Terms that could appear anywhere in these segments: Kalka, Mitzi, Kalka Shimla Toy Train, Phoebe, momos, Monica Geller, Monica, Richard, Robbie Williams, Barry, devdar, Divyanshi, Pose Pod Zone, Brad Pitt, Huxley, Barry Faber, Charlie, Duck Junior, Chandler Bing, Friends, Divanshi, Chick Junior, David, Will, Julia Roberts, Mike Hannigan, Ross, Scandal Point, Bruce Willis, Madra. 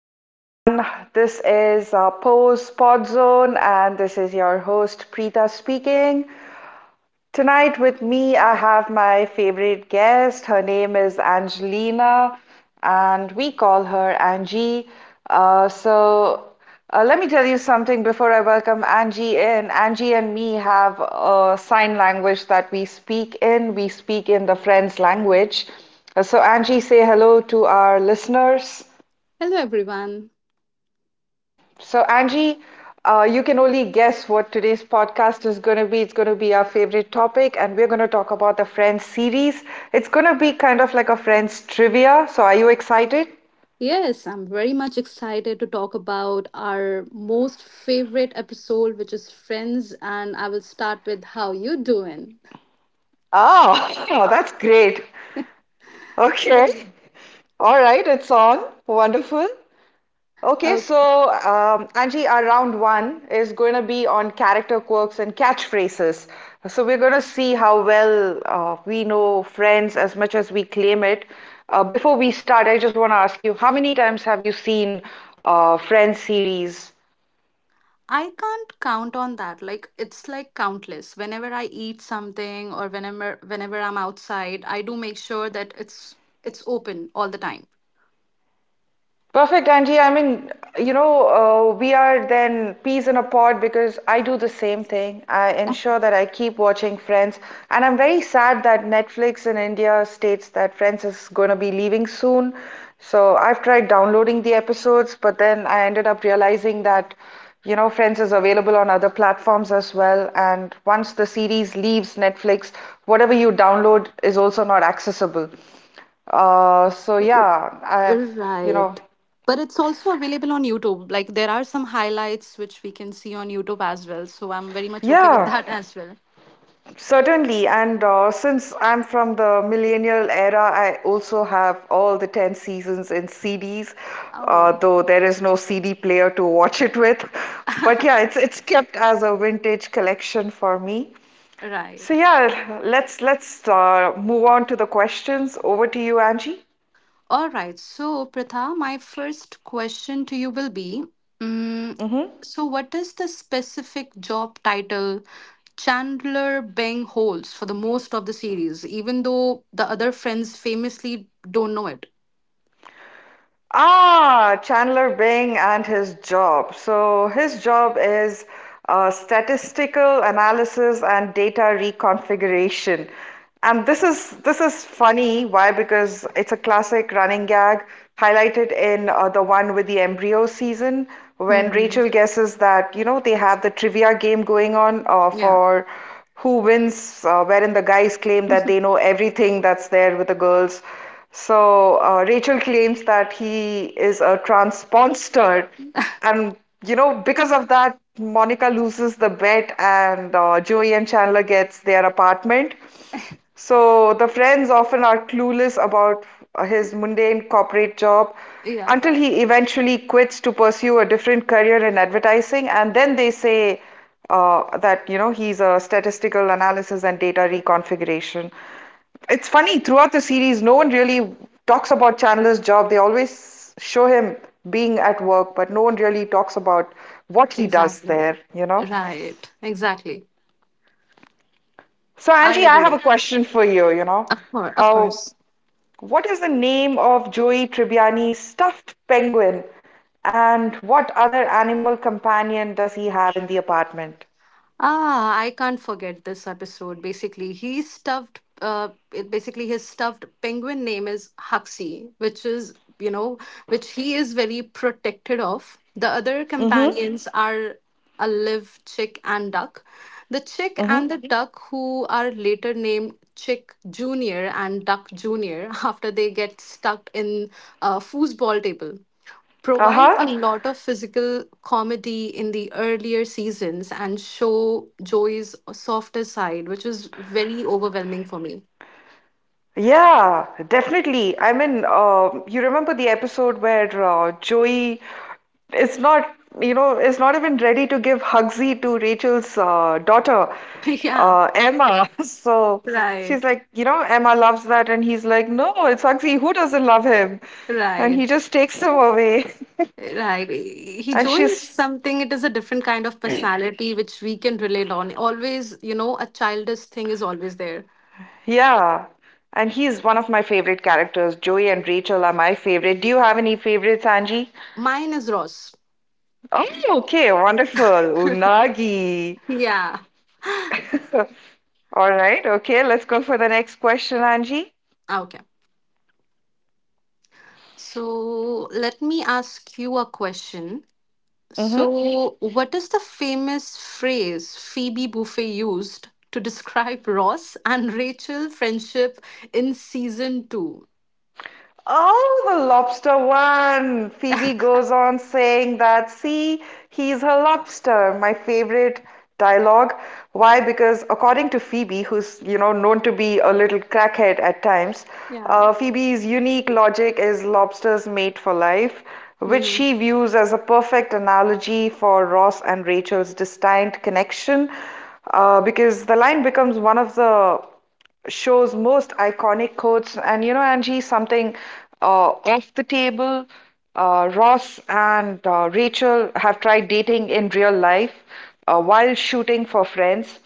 everyone. This is Pose Pod Zone, and this is your host, Preeta, speaking. Tonight with me, I have my favorite guest. Her name is Angelina, and we call her Angie. Uh, so Let me tell you something before I welcome Angie in. Angie and me have a sign language that we speak in. We speak in the Friends language. So, Angie, say hello to our listeners. Hello, everyone. So, Angie, you can only guess what today's podcast is going to be. It's going to be our favorite topic, and we're going to talk about the Friends series. It's going to be kind of like a Friends trivia. So, are you excited? Yes, I'm very much excited to talk about our most favorite episode, which is Friends, and I will start with how you doing. Oh, oh, that's great. Okay. Right. All right, it's on. Wonderful. Okay, Uh, so Angie, our round one is going to be on character quirks and catchphrases. So we're going to see how well we know Friends as much as we claim it. Before we start, I just want to ask you, how many times have you seen Friends series? I can't count on that. Like it's like countless. Whenever I eat something or whenever I'm outside, I do make sure that it's open all the time. Perfect, Angie. I mean, we are then peas in a pod because I do the same thing. I ensure that I keep watching Friends, and I'm very sad that Netflix in India states that Friends is going to be leaving soon. So I've tried downloading the episodes, but then I ended up realizing that Friends is available on other platforms as well. And once the series leaves Netflix, whatever you download is also not accessible. Uh, so R- yeah, I, you know, Right. But it's also available on YouTube. Like there are some highlights which we can see on YouTube as well. So I'm very much okay with Yeah, that as well. certainly. And since I'm from the millennial era, I also have all the 10 seasons in CDs, Oh, though there is no CD player to watch it with. But yeah, it's kept as a vintage collection for me. So right. yeah, let's move on to the questions. Over to you, Angie. All right. So, Pratha, my first question to you will be mm, Mm-hmm. so, what is the specific job title Chandler Bing holds for the most of the series, even though the other friends famously don't know it? Ah, Chandler Bing and his job. So his job is statistical analysis and data reconfiguration. And this is funny. Why? Because it's a classic running gag highlighted in the one with the embryo season when hmm Rachel guesses that, you know, they have the trivia game going on Yeah. for who wins, wherein the guys claim that they know everything that's there with the girls. So Rachel claims that he is a transponster, and you know because of that, Monica loses the bet, and Joey and Chandler gets their apartment. So the friends often are clueless about his mundane corporate job yeah, until he eventually quits to pursue a different career in advertising, and then they say that you know he's a statistical analysis and data reconfiguration. It's funny, throughout the series, no one really talks about Chandler's job. They always show him being at work, but no one really talks about what he does exactly. there, you know. Right. Exactly. So, I Angie, I have agree. a question for you, you know. Of course. Of Uh, course. What is the name of Joey Tribbiani's stuffed penguin? And what other animal companion does he have in the apartment? Ah, I can't forget this episode. Basically, he stuffed. Basically, his stuffed penguin name is Huxley, which is, you know, which he is very protected of. The other Mm-hmm. companions are a live chick and duck. The chick and Mm-hmm. the duck, who are later named Chick Junior and Duck Junior, after they get stuck in a foosball table Aha. provide a Uh-huh. lot of physical comedy in the earlier seasons and show Joey's softer side, which was very overwhelming for me. Yeah, definitely. I mean, you remember the episode where Joey is not, you know, is not even ready to give Hugsy to Rachel's daughter, yeah, Emma. So she's right, like, you know, Emma loves that, and he's like, no, it's Hugsy. Who doesn't love him? And he right, just takes him away. right. He And Joey is she's, something. It is a different kind of personality which we can relate on. Always, you know, a childish thing is always there. yeah. And he's one of my favorite characters. Joey and Rachel are my favorite. Do you have any favorites, Angie? Mine is Ross. Oh, okay, wonderful. Unagi. Yeah. All right, okay, let's go for the next question, Angie. Okay. So let me ask you a question. hmm So, what is the famous phrase Phoebe Buffay used to describe Ross and Rachel friendship in season two? Oh, the lobster one. Phoebe goes on saying that, see, he's her lobster. My favorite dialogue. Why? Because according to Phoebe, who's, you know, known to be a little crackhead at times, Yeah. Phoebe's unique logic is lobsters mate for life, which Mm-hmm. she views as a perfect analogy for Ross and Rachel's destined connection. Because the line becomes one of the show's most iconic quotes. And you know, Angie, something uh, off the table. Ross and Rachel have tried dating in real life while shooting for friends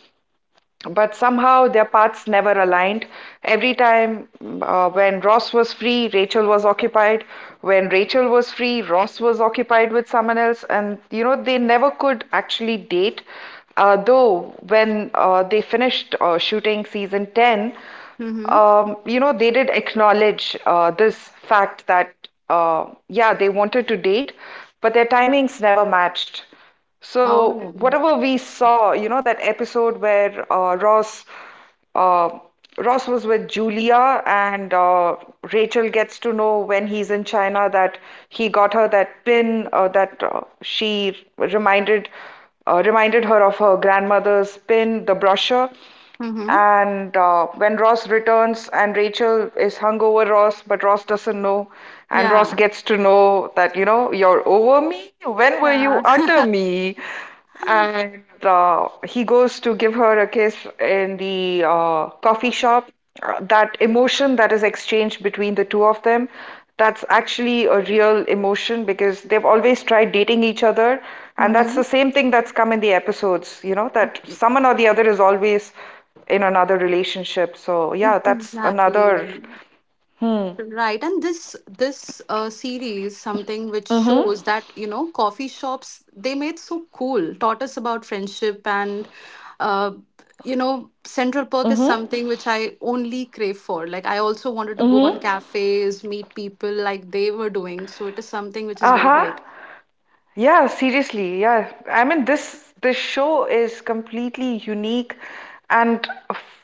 but somehow their paths never aligned. Every time when Ross was free, Rachel was occupied. When Rachel was free, Ross was occupied with someone else. And, you know, they never could actually date. Though, when they finished shooting season 10, Mm-hmm. You know, they did acknowledge this fact that, yeah, they wanted to date, but their timings never matched. Oh. So, whatever we saw, you know, that episode where uh, Ross was with Julia and Rachel gets to know when he's in China that he got her that pin that she reminded reminded her of her grandmother's pin, the brochure. Mm-hmm. And when Ross returns and Rachel is hungover, Ross doesn't know, and Ross Yeah. gets to know that, you know, you're over me? When were you Yeah. under me? And he goes to give her a kiss in the coffee shop. That emotion that is exchanged between the two of them, that's actually a real emotion because they've always tried dating each other. And that's mm-hmm. the same thing that's come in the episodes, you know, that someone or the other is always in another relationship. So yeah, that's another. Exactly. Hmm. Right, and this series something which shows that, you know, coffee shops they made so cool taught us about friendship and uh, you know, Central Perk is something which I only crave for. Like I also wanted to go Hmm. on cafes, meet people like they were doing. So it is something which is very Uh-huh. great. Yeah, seriously. Yeah. I mean this show is completely unique and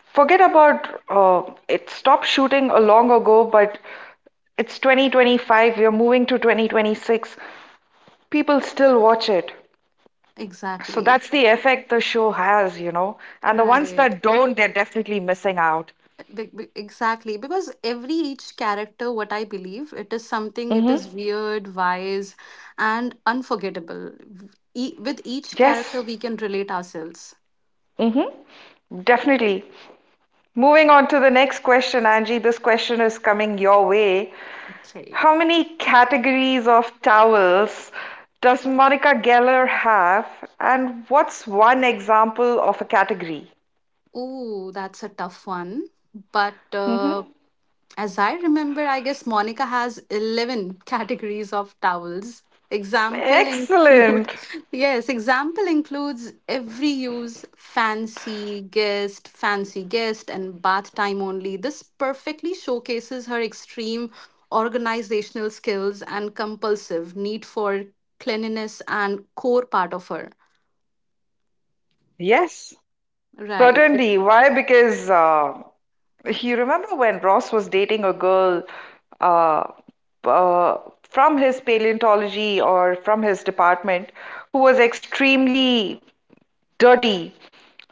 forget about it stopped shooting a long ago, but it's 2025, we're moving to 2026. People still watch it. So Exactly. that's the effect the show has, you know. And the ones Right. that don't, they're definitely missing out. Exactly, because every each character what I believe it is something, it Mm-hmm. is weird wise and unforgettable. V- with each character Yes. we can relate ourselves. Mm-hmm. Definitely. Moving on to the next question, Angie, this question is coming your way. Okay. How many categories of towels does Monica Geller have, and what's one example of a category? Oh, that's a tough one, but hmm uh, as I remember, I guess Monica has 11 categories of towels. Example include Excellent. yes, example includes every use, fancy guest, and bath time only. This perfectly showcases her extreme organizational skills and compulsive need for cleanliness and core part of her. Yes, Right. certainly. Why? Because you remember when Ross was dating a girl uh, uh, from his paleontology or from his department who was extremely dirty.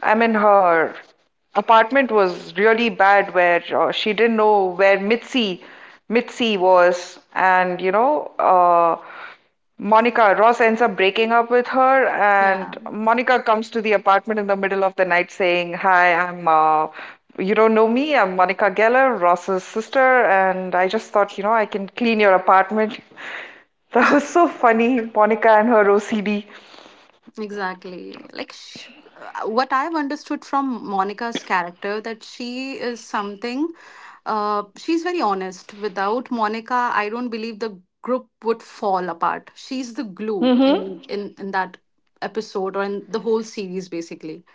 I mean, her apartment was really bad where she didn't know where Mitzi was, and you know, Monica Ross ends up breaking up with her, Yeah. and Monica comes to the apartment in the middle of the night saying, "Hi, I'm you don't know me. I'm Monica Geller, Ross's sister, and I just thought, you know, I can clean your apartment." That was so funny, Monica and her OCD. Exactly. What I've understood from Monica's character that she is something, she's very honest. Without Monica, I don't believe the group would fall apart. She's the glue Mm-hmm. in that episode or in the whole series basically.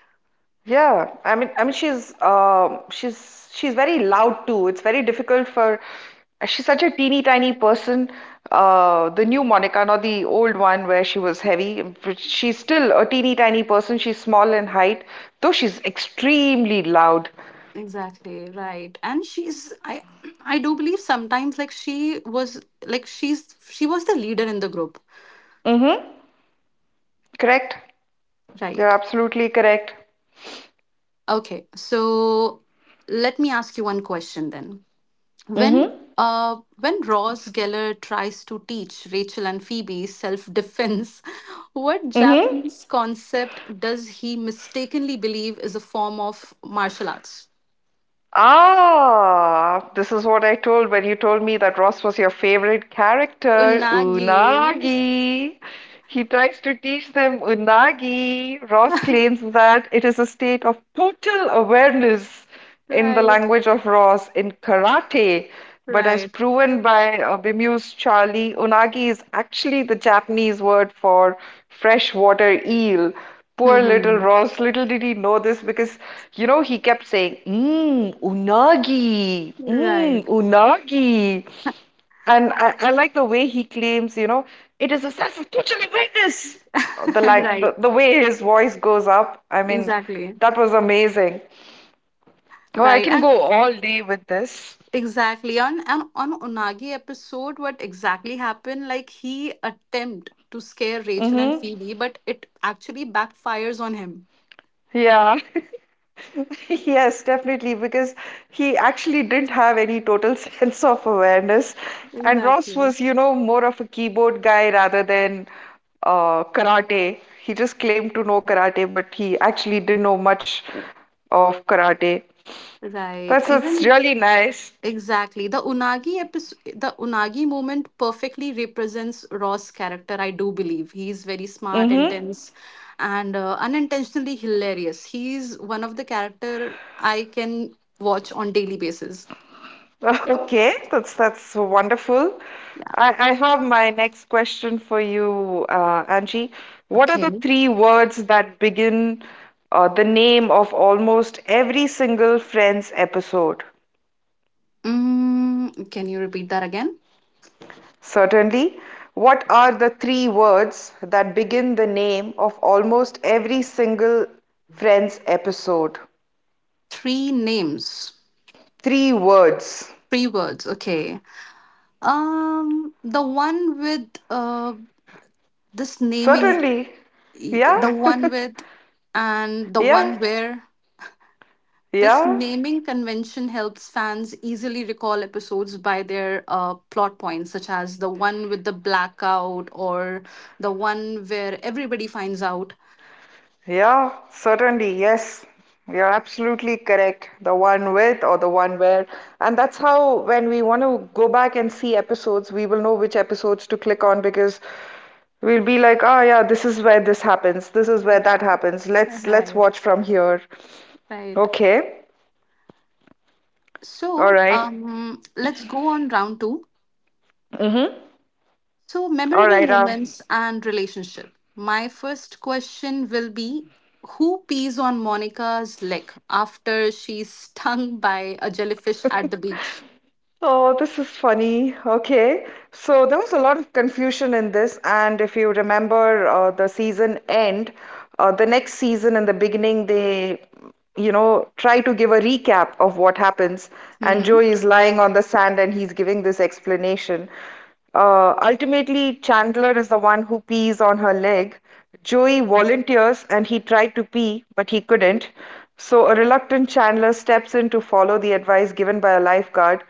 Yeah, I mean, she's very loud too. It's very difficult for she's such a teeny tiny person. The new Monica, not the old one where she was heavy, but she's still a teeny tiny person. She's small in height, though she's extremely loud. Exactly, right. And she's I I do believe sometimes like she was like she's she was the leader in the group. Mm-hmm. Correct. You're Right. absolutely correct. Okay. So let me ask you one question then. Mm-hmm. When Ross Geller tries to teach Rachel and Phoebe self-defense, what Mm-hmm. Japanese concept does he mistakenly believe is a form of martial arts? Ah, this is what I told when you told me that Ross was your favorite character, Unagi. Unagi. He tries to teach them Unagi. Ross claims that it is a state of total awareness in the Right, language of Ross in karate. But as right. proven by bemused Charlie, Unagi is actually the Japanese word for freshwater eel. Poor little hmm Ross, little did he know this because, you know, he kept saying, mmm, unagi, mmm, Right. unagi. And I like the way he claims, you know, it is a self-fulfilling witness. The like right. the, the way his voice goes up. I mean, Exactly. that was amazing. Oh, I Right. can And go all day with this. exactly on and on Unagi episode, what exactly happened? Like he attempt to scare Rachel and Mm-hmm. Phoebe, but it actually backfires on him. Yeah. Yes, definitely, because he actually didn't have any total sense of awareness. And Ross Exactly. was, you know, more of a keyboard guy rather than karate. He just claimed to know karate, but he actually didn't know much of karate. Right. That's Even really nice. exactly. The Unagi episode, the Unagi moment perfectly represents Ross' character, I do believe. He's very smart, Mm-hmm. intense, and unintentionally hilarious. He's one of the character I can watch on daily basis. Okay, that's wonderful. I have my next question for you, Angie. What are the Okay. three words that begin the name of almost every single Friends episode? Mm, can you repeat that again? Certainly. What are the three words that begin the name of almost every single Friends episode? Three names. Three words. Three words. Okay. The one with this naming Certainly. y- Yeah. the one with and the Yeah. one where This Yeah. naming convention helps fans easily recall episodes by their plot points, such as the one with the blackout or the one where everybody finds out. Yeah, certainly. Yes, you're absolutely correct. The one with or the one where. And that's how, when we want to go back and see episodes, we will know which episodes to click on because we'll be like, ah, yeah, this is where this happens. This is where that Yeah, happens. Let's right, watch from here. right. Okay. All So, right. Let's go on round two. Mm-hmm. So, All memorable right. Moments and relationship. My first question will be, who pees on Monica's leg after she's stung by a jellyfish at the beach? oh, this is funny. Okay. So there was a lot of confusion in this. And if you remember the season end, the next season in the beginning, they, you know, try to give a recap of what happens. And Mm-hmm. Joey is lying on the sand and he's giving this explanation. Ultimately, Chandler is the one who pees on her leg. Joey volunteers and he tried to pee, but he couldn't. So, a reluctant Chandler steps in to follow the advice given by a lifeguard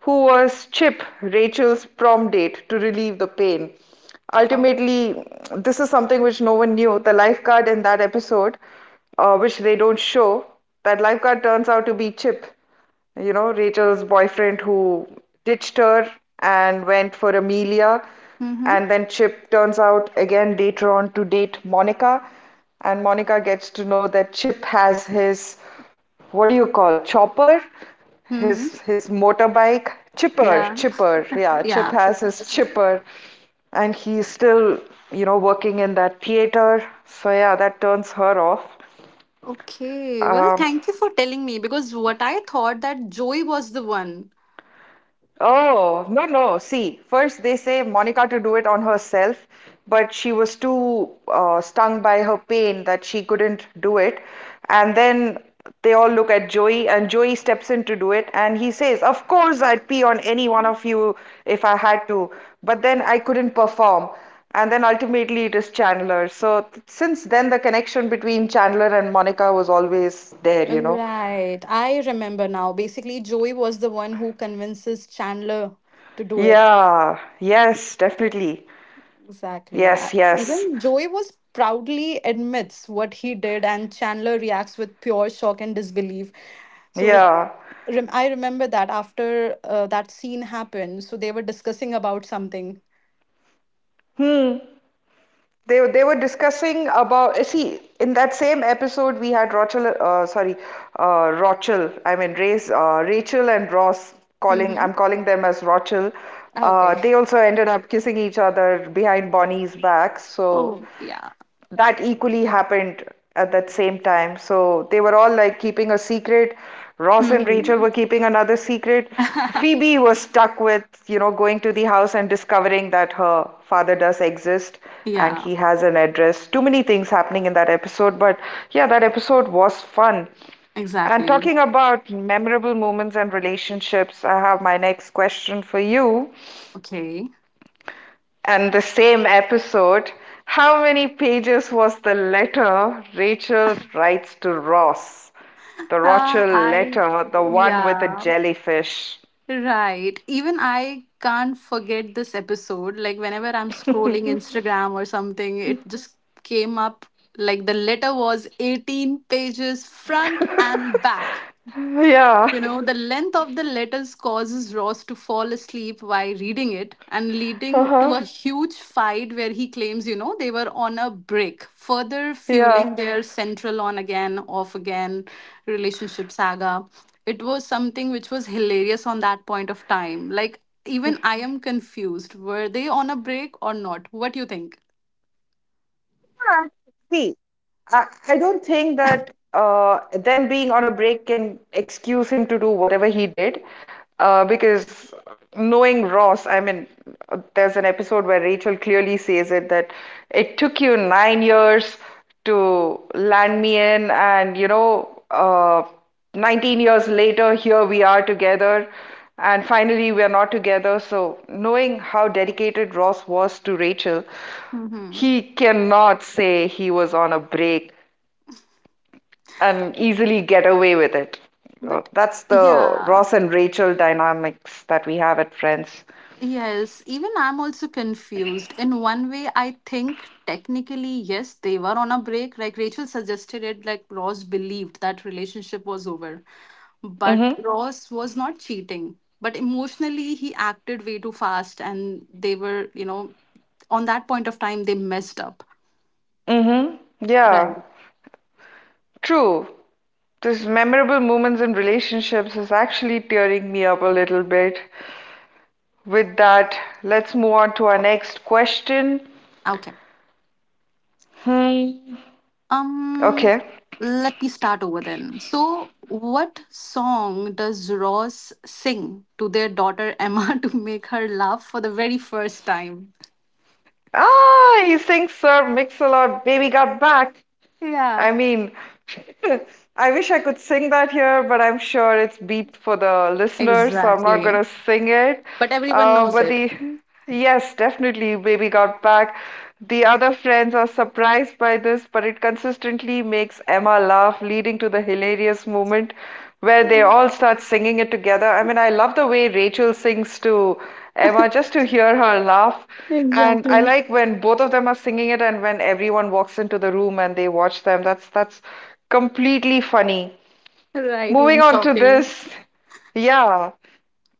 who was Chip, Rachel's prom date, to relieve the pain. Oh. Ultimately, this is something which no one knew. The lifeguard in that episode, which they don't show, that lifeguard turns out to be Chip, you know, Rachel's boyfriend who ditched her and went for Amelia. Mm-hmm. And then Chip turns out again later on to date Monica. And Monica gets to know that Chip has his, what do you call, chopper? Mm-hmm. His motorbike, chipper, Yeah. chipper. Yeah, Chip Yeah. has his chipper. And he's still, working in that theater. So yeah, that turns her off. Okay. Well, Um, thank you for telling me because what I thought that Joey was the one. Oh, no, no. See, first they say Monica to do it on herself, but she was too stung by her pain that she couldn't do it. And then they all look at Joey, and Joey steps in to do it. And he says, "Of course, I'd pee on any one of you if I had to, but then I couldn't perform." And then ultimately it is Chandler. So since then, the connection between Chandler and Monica was always there, you know. Right. I remember now. Basically, Joey was the one who convinces Chandler to do it. Yeah, yes, definitely. Exactly, yeah. Yes, yes. Even Joey was proudly admits what he did, and Chandler reacts with pure shock and disbelief. So Yeah. I remember that after that scene happened, so they were discussing about something. Hmm. They were discussing about see, in that same episode we had Rochel, sorry, Rochel, I mean Ray's, Rachel and Ross. Calling, Mm-hmm. I'm calling them as Rochel. Okay. They also ended up kissing each other behind Bonnie's back. So Oh yeah. that equally happened at that same time. So they were all like keeping a secret. Ross and Rachel hmm were keeping another secret. Phoebe was stuck with, you know, going to the house and discovering that her father does exist and yeah. he has an address. Too many things happening in that episode, but yeah, that episode was fun. And Exactly. talking about memorable moments and relationships, I have my next question for you. Okay. And the same episode, how many pages was the letter Rachel writes to Ross? The Rachel I letter, the one with the yeah. jellyfish. Right. Even I can't forget this episode. Like, whenever I'm scrolling Instagram or something, it just came up. Like, the letter was 18 pages front and back. Yeah. You know, the length of the letters causes Ross to fall asleep while reading it and leading to Uh-huh. a huge fight where he claims, you know, they were on a break, further Yeah. fueling their central on again, off again relationship saga. It was something which was hilarious on that point of time. Like, even I am confused. Were they on a break or not? What do you think? Yeah, see, I don't think that them being on a break can excuse him to do whatever he did. Because knowing Ross, I mean, there's an episode where Rachel clearly says it that it took you 9 years to land me in, and you know, 19 years later, here we are together, and finally, we are not together. So, knowing how dedicated Ross was to Rachel. hmm He cannot say he was on a break and easily get away with it. But That's the yeah. Ross and Rachel dynamics that we have at Friends. Yes, even I'm also confused. In one way, I think technically, yes, they were on a break. Like Rachel suggested it, like Ross believed that relationship was over. But Mm-hmm. Ross was not cheating. But emotionally, he acted way too fast, and they were, you know, on that point of time, they messed up. Mm-hmm. Yeah. Right. True. This memorable moments in relationships is actually tearing me up a little bit. With that, let's move on to our next question. Okay. Hmm. Um, Okay. let me start over then. So, what song does Ross sing to their daughter Emma to make her laugh for the very first time? Ah, you think Sir Mix-a-Lot, Baby Got Back? Yeah, I mean, I wish I could sing that here, but I'm sure it's beeped for the listeners, so I'm not exactly. gonna sing it. But everyone knows But it. the yes, definitely, Baby Got Back. The other friends are surprised by this, but it consistently makes Emma laugh, leading to the hilarious moment where they all start singing it together. I mean, I love the way Rachel sings to Emma, just to hear her laugh. And I Exactly. like when both of them are singing it and when everyone walks into the room and they watch them. That's completely funny. Right, Moving even on to shocking. this. Yeah.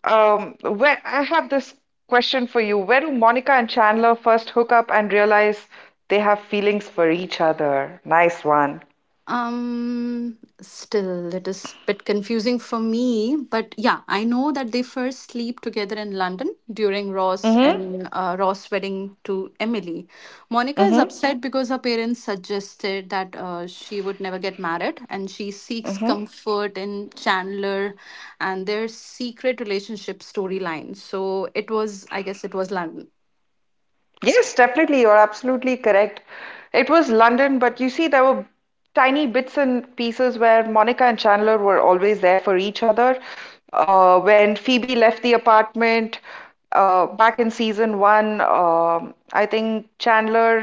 Where I have this question for you. Where do Monica and Chandler first hook up and realize they have feelings for each other? Nice one. Still, it is a bit confusing for me, but yeah, I know that they first sleep together in London during Ross Mm-hmm. and Ross' wedding to Emily. Monica Mm-hmm. is Mm-hmm. upset because her parents suggested that she would never get married, and she seeks comfort in Chandler and their secret relationship storyline. So it was, I guess, it was London. Yes, definitely. You're absolutely correct. It was London, but you see, there were tiny bits and pieces where Monica and Chandler were always there for each other. When Phoebe left the apartment, back in season one, I think Chandler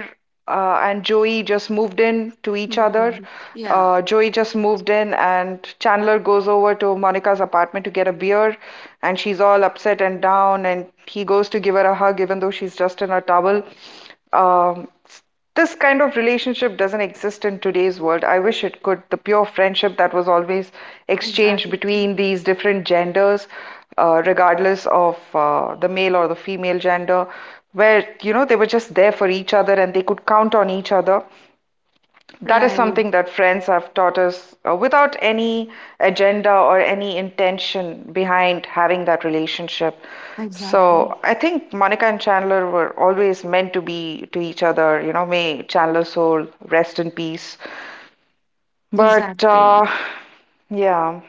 and Joey just moved in to each other. Mhm. Yeah, Joey just moved in, and Chandler goes over to Monica's apartment to get a beer, and she's all upset and down, and he goes to give her a hug, even though she's just in a towel. Um, this kind of relationship doesn't exist in today's world. I wish it could. The pure friendship that was always exchanged exactly. between these different genders, regardless of the male or the female gender, where you know they were just there for each other and they could count on each other, that is Right, something that friends have taught us, without any agenda or any intention behind having that relationship. exactly, So I think Monica and Chandler were always meant to be to each other. You know, may Chandler's soul rest in peace. But exactly. Yeah.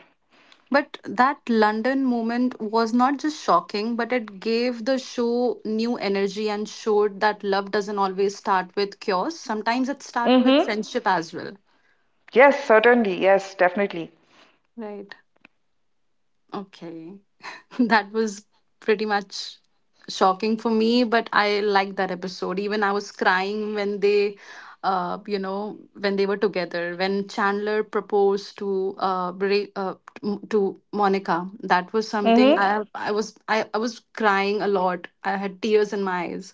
But that London moment was not just shocking, but it gave the show new energy and showed that love doesn't always start with cures. Sometimes it starts with Mm-hmm. friendship as well. Yes, certainly. Yes, definitely. Right. Okay. That was pretty much shocking for me, but I liked that episode. Even I was crying when they you know, when they were together, when Chandler proposed to Monica. That was something Mm-hmm. I was crying a lot. I had tears in my eyes.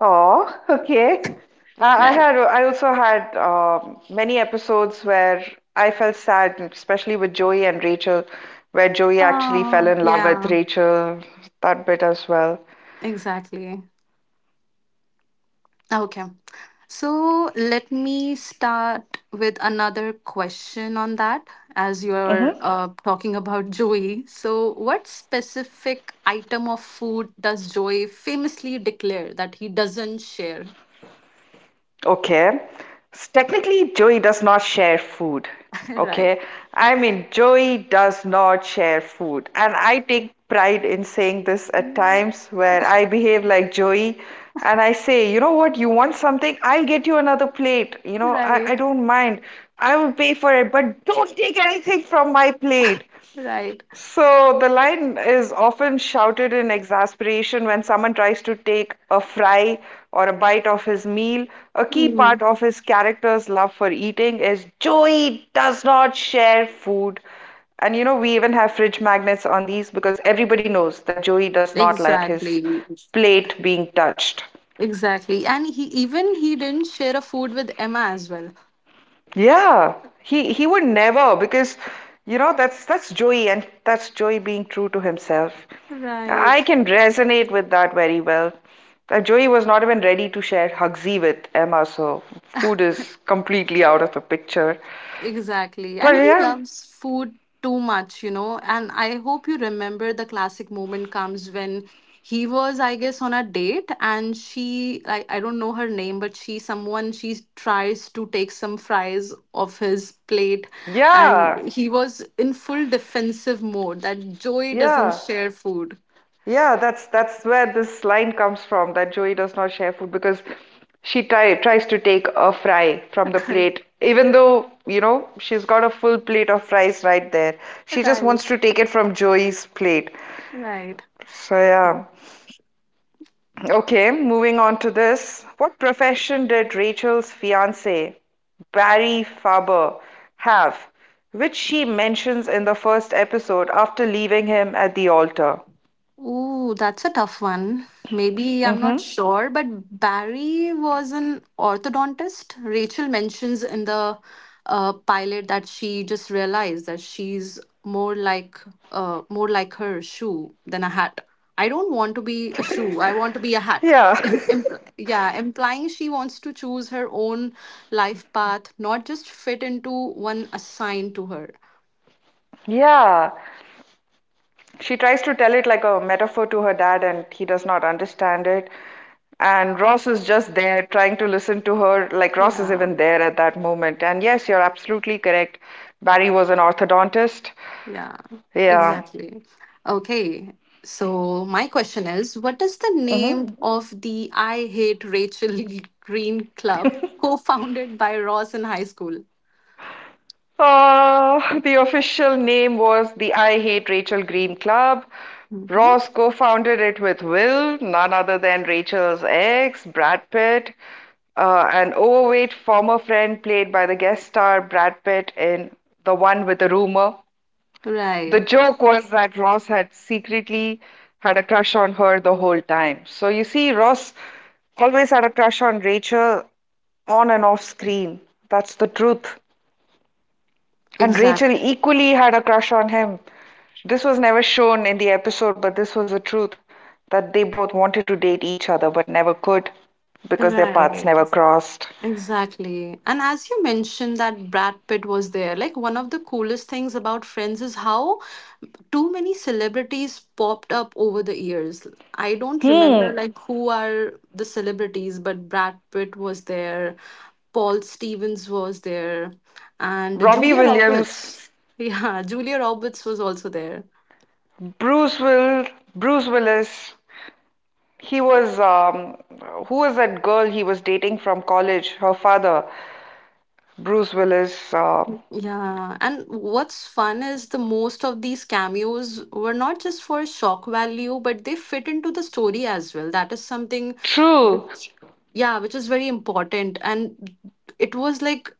Oh, okay. I I Right had I also had many episodes where I felt sad, especially with Joey and Rachel, where Joey actually fell oh in love with yeah Rachel. That bit as well. exactly okay. So let me start with another question on that. As you're Hmm. Talking about Joey, so what specific item of food does Joey famously declare that he doesn't share? Okay. Technically, Joey does not share food. right. Okay. I mean, Joey does not share food. And I take pride in saying this at times where I behave like Joey and I say, you know what, you want something? I'll get you another plate. You know, I, Right, I don't mind. I will pay for it, but don't take anything from my plate. right. So the line is often shouted in exasperation when someone tries to take a fry or a bite of his meal. A key part Mm, of his character's love for eating is Joey does not share food. And you know, we even have fridge magnets on these because everybody knows that Joey does not like his exactly. plate being touched. Exactly. And he didn't share a food with Emma as well. Yeah, he would never because you know that's Joey and that's Joey being true to himself. I Right. can resonate with that very well. Joey was not even ready to share Hugsy with Emma, so food is completely out of the picture. Exactly. But And he loves food too much, you know. And I hope you remember the classic moment comes when he was, I guess, on a date and I don't know her name, but she, someone, she tries to take some fries off his plate. And yeah, he was in full defensive mode that Joey doesn't yeah. share food. Yeah, that's where this line comes from, that Joey does not share food, because tries to take a fry from the plate, even though, you know, she's got a full plate of fries right there. She just wants to take it from Joey's plate. Right. So yeah. Okay, moving on to this. What profession did Rachel's fiance, Barry Faber, have, which she mentions in the first episode after leaving him at the altar? Ooh, that's a tough one. Maybe I'm not Mm-hmm. sure, but Barry was an orthodontist. Rachel mentions in the pilot that she just realized that she's more like her shoe than a hat. I don't want to be a shoe. I want to be a hat. Yeah. Yeah, implying she wants to choose her own life path, not just fit into one assigned to her. Yeah. She tries to tell it like a metaphor to her dad, and he does not understand it. And Ross is just there trying to listen to her, like Ross is Yeah. even there at that moment. And yes, you're absolutely correct. Barry was an orthodontist. Yeah, Yeah. exactly. Okay, so my question is what is the name Mm-hmm. of the I Hate Rachel Green Club co founded by Ross in high school? The official name was the I Hate Rachel Green Club. Mm-hmm. Ross co founded it with Will, none other than Rachel's ex, Brad Pitt, an overweight former friend played by the guest star Brad Pitt in The One with the Rumor. The Right, joke was that Ross had secretly had a crush on her the whole time. So you see, Ross always had a crush on Rachel, on and off screen. That's the truth. And Rachel exactly. equally had a crush on him. This was never shown in the episode, but this was the truth, that they both wanted to date each other but never could because their paths Right. never crossed. Exactly. And as you mentioned that Brad Pitt was there, like one of the coolest things about Friends is how too many celebrities popped up over the years. I don't remember Hmm. like who are the celebrities, but Brad Pitt was there, Paul Stevens was there, and Robbie Julia Williams, Roberts. Yeah, Julia Roberts was also there. Bruce Will, Bruce Willis. He was who was that girl he was dating from college? Her father, Bruce Willis. Yeah, and what's fun is the most of these cameos were not just for shock value, but they fit into the story as well. That is something True. which, yeah, which is very important. And it was like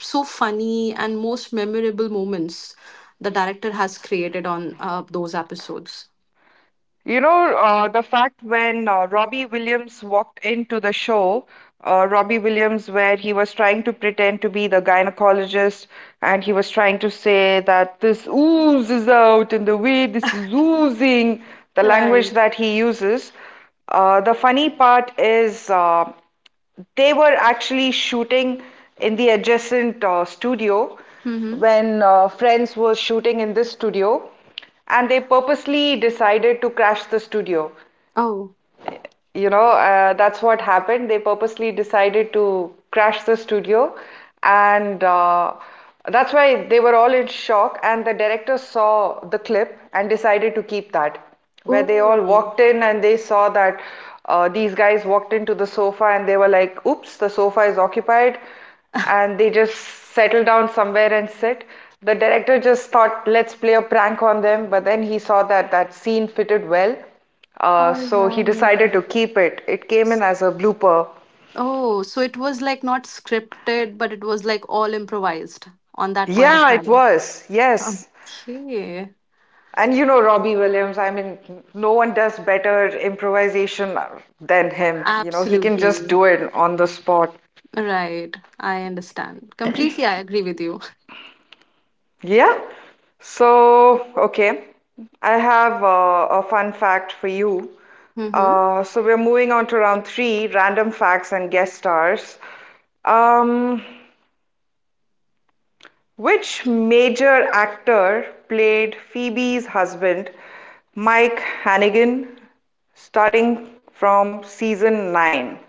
so funny, and most memorable moments the director has created on those episodes. You know, the fact when Robbie Williams walked into the show, Robbie Williams, where he was trying to pretend to be the gynecologist and he was trying to say that this ooze is out, in the way this is oozing, the language Right. that he uses. The funny part is, they were actually shooting in the adjacent studio Mm-hmm. when Friends was shooting in this studio, and they purposely decided to crash the studio, Oh. you know, that's what happened. They purposely decided to crash the studio, and that's why they were all in shock. And the director saw the clip and decided to keep that, where they all Oh. walked in and they saw that, these guys walked into the sofa and they were like, "Oops, the sofa is occupied," and they just settled down somewhere and sit. The director just thought, "Let's play a prank on them," but then he saw that that scene fitted well, All so he right. decided to keep it. It came in as a blooper. Oh, so it was like not scripted, but it was like all improvised on that point of Yeah, it time. was. Yes. Okay. And you know Robbie Williams, I mean, no one does better improvisation than him. You know, he can just Absolutely. do it on the spot. Right. I understand. Completely, I agree with you. Yeah. So, okay. I have a fun fact for you. Mm-hmm. So we're moving on to round three, random facts and guest stars. Um, Which major actor played Phoebe's husband, Mike Hannigan, starting from season 9?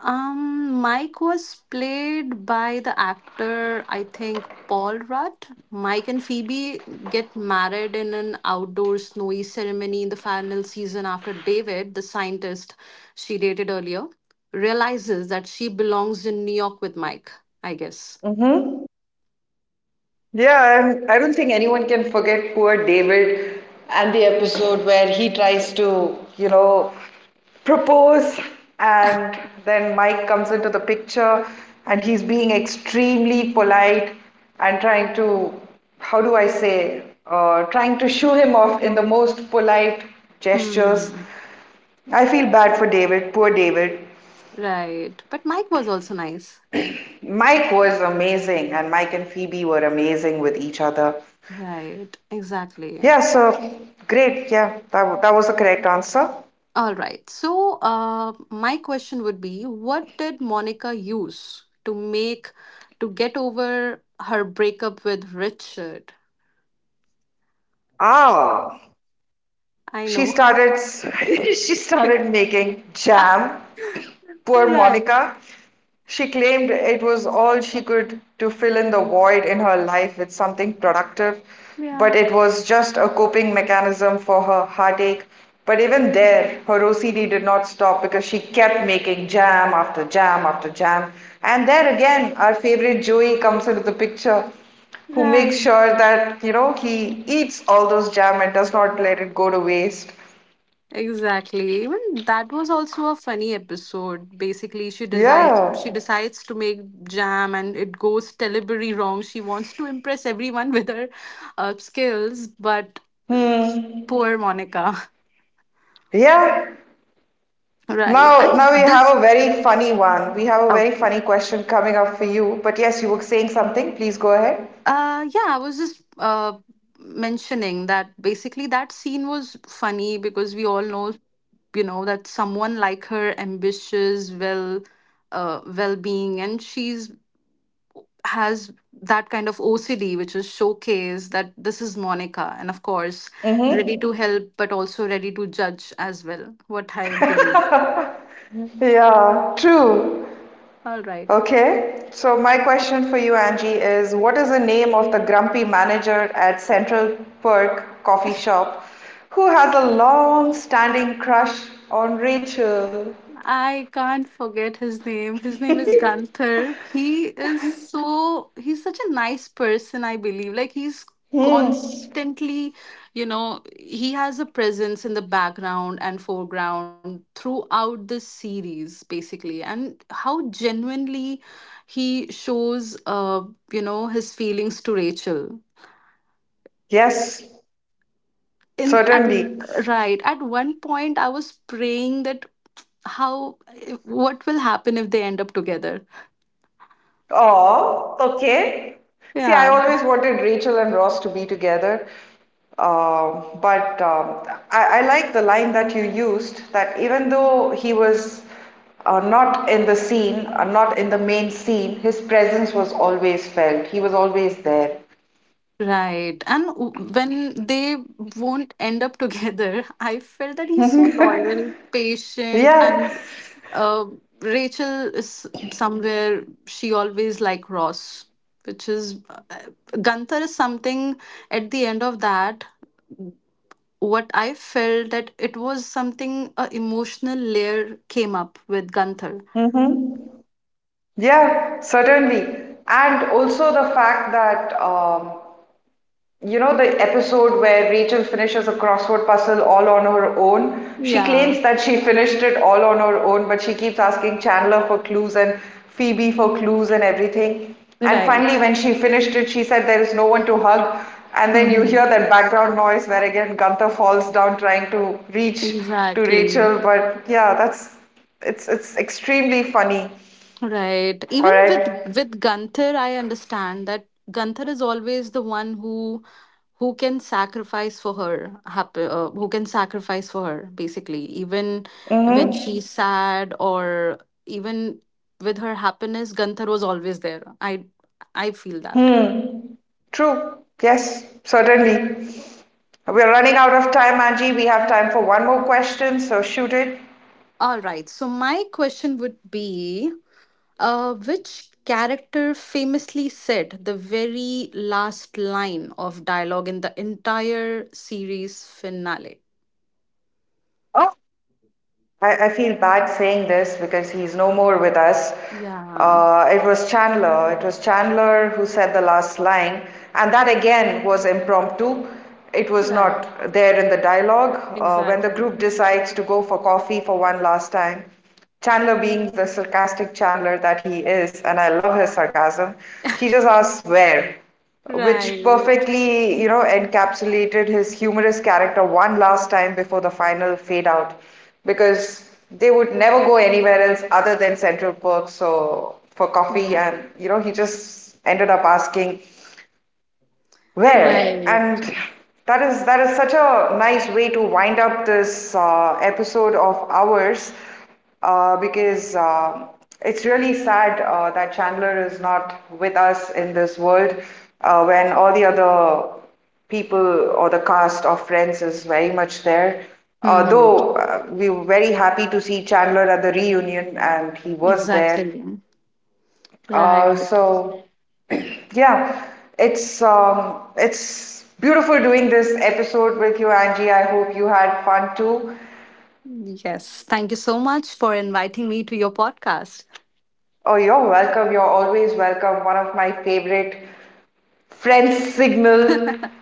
Mike was played by the actor, I think, Paul Rudd. Mike and Phoebe get married in an outdoor snowy ceremony in the final season after David, the scientist she dated earlier, realizes that she belongs in New York with Mike, I guess. Mm-hmm. Yeah, and I don't think anyone can forget poor David and the episode where he tries to, propose, and then Mike comes into the picture and he's being extremely polite and trying to, how do I say, trying to shoo him off in the most polite gestures. Hmm. I feel bad for David, poor David. Right. But Mike was also nice. Mike was amazing, and Mike and Phoebe were amazing with each other. Right. Exactly. Yeah, so great. Yeah, that was the correct answer. All right. So, my question would be, what did Monica use to make to get over her breakup with Richard? Ah, I she know. started she started making jam. Poor Right. Monica. She claimed it was all she could to fill in the void in her life with something productive, but Yeah. it was just a coping mechanism for her heartache. But even there, her OCD did not stop because she kept making jam after jam after jam. And there again, our favorite Joey comes into the picture, who makes Right. sure that, he eats all those jam and does not let it go to waste. Exactly. Even that was also a funny episode. Basically, she decides Yeah. she decides to make jam, and it goes terribly wrong. She wants to impress everyone with her skills, but Hmm. poor Monica. Yeah. Right. Now, And now we this. have a very funny one. We have a very Okay. funny question coming up for you. But yes, you were saying something. Please go ahead. Yeah, I was just mentioning that basically that scene was funny because we all know, you know, that someone like her ambitious, well-being, and she's has that kind of OCD, which is showcased that this is Monica, and of course, ready Mm-hmm. to help, but also ready to judge as well. What I believe. Yeah, true. All right. Okay, so my question for you, Angie, is what is the name of the grumpy manager at Central Perk Coffee Shop who has a long standing crush on Rachel? I can't forget his name. His name is Gunther. He's such a nice person, I believe. Like, he's Hmm, constantly, you know, he has a presence in the background and foreground throughout the series, basically. And how genuinely he shows, you know, his feelings to Rachel. yes, In at certainly. right at one point, I was praying that how what will happen if they end up together. Oh, okay. See, I Yeah, always wanted Rachel and Ross to be together. But I like the line that you used that even though he was not in the scene, not in the main scene, his presence was always felt. He was always there. right. And when they won't end up together, I felt that he's so loyal, patient, Yeah. and uh, Rachel is somewhere she always like Ross, which is Gunther is something at the end of that. What I felt that it was something a emotional layer came up with Gunther. Hmm. Yeah, certainly. And also the fact that you know the episode where Rachel finishes a crossword puzzle all on her own? She Yeah, claims that she finished it all on her own, but she keeps asking Chandler for clues and Phoebe for clues and everything. And right. finally, when she finished it, she said there is no one to hug. And then you Mhm. hear that background noise where again Gunther falls down trying to reach to Exactly. Rachel. But yeah, that's it's extremely funny. Right. All Even with right. with Gunther, I understand that Gunther is always the one who can sacrifice for her, happy, who can sacrifice for her, basically. Even when Mm-hmm. she's sad or even with her happiness, Gunther was always there. I feel that. Hmm. True. Yes, certainly. We are running out of time, Angie. We have time for one more question, so shoot it. All right. So my question would be, which character famously said the very last line of dialogue in the entire series finale? Oh, I feel bad saying this because he's no more with us. Yeah. It was Chandler. It was Chandler who said the last line, and that again was impromptu. It was Right. not there in the dialogue. When the group Exactly. decides to go for coffee for one last time, Chandler, being the sarcastic Chandler that he is, and I love his sarcasm, he just asks where, which Right. perfectly, encapsulated his humorous character one last time before the final fade out because they would never go anywhere else other than Central Perk so for coffee, Right. and you know he just ended up asking where? Right. And that is such a nice way to wind up this episode of ours because it's really sad that Chandler is not with us in this world when all the other people or the cast of Friends is very much there. Uh, hmm though uh, we were very happy to see Chandler at the reunion and he was there. Exactly. Uh, Right. so yeah, it's beautiful doing this episode with you, Angie. I hope you had fun too. Yes. Thank you so much for inviting me to your podcast. Oh, you're welcome. You're always welcome. One of my favorite friend signal.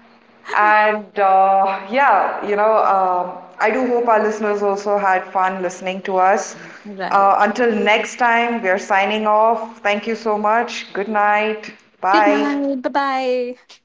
And yeah, I do hope our listeners also had fun listening to us. Right. Until next time, we are signing off. Thank you so much. Good night. Good Bye. night. Bye bye.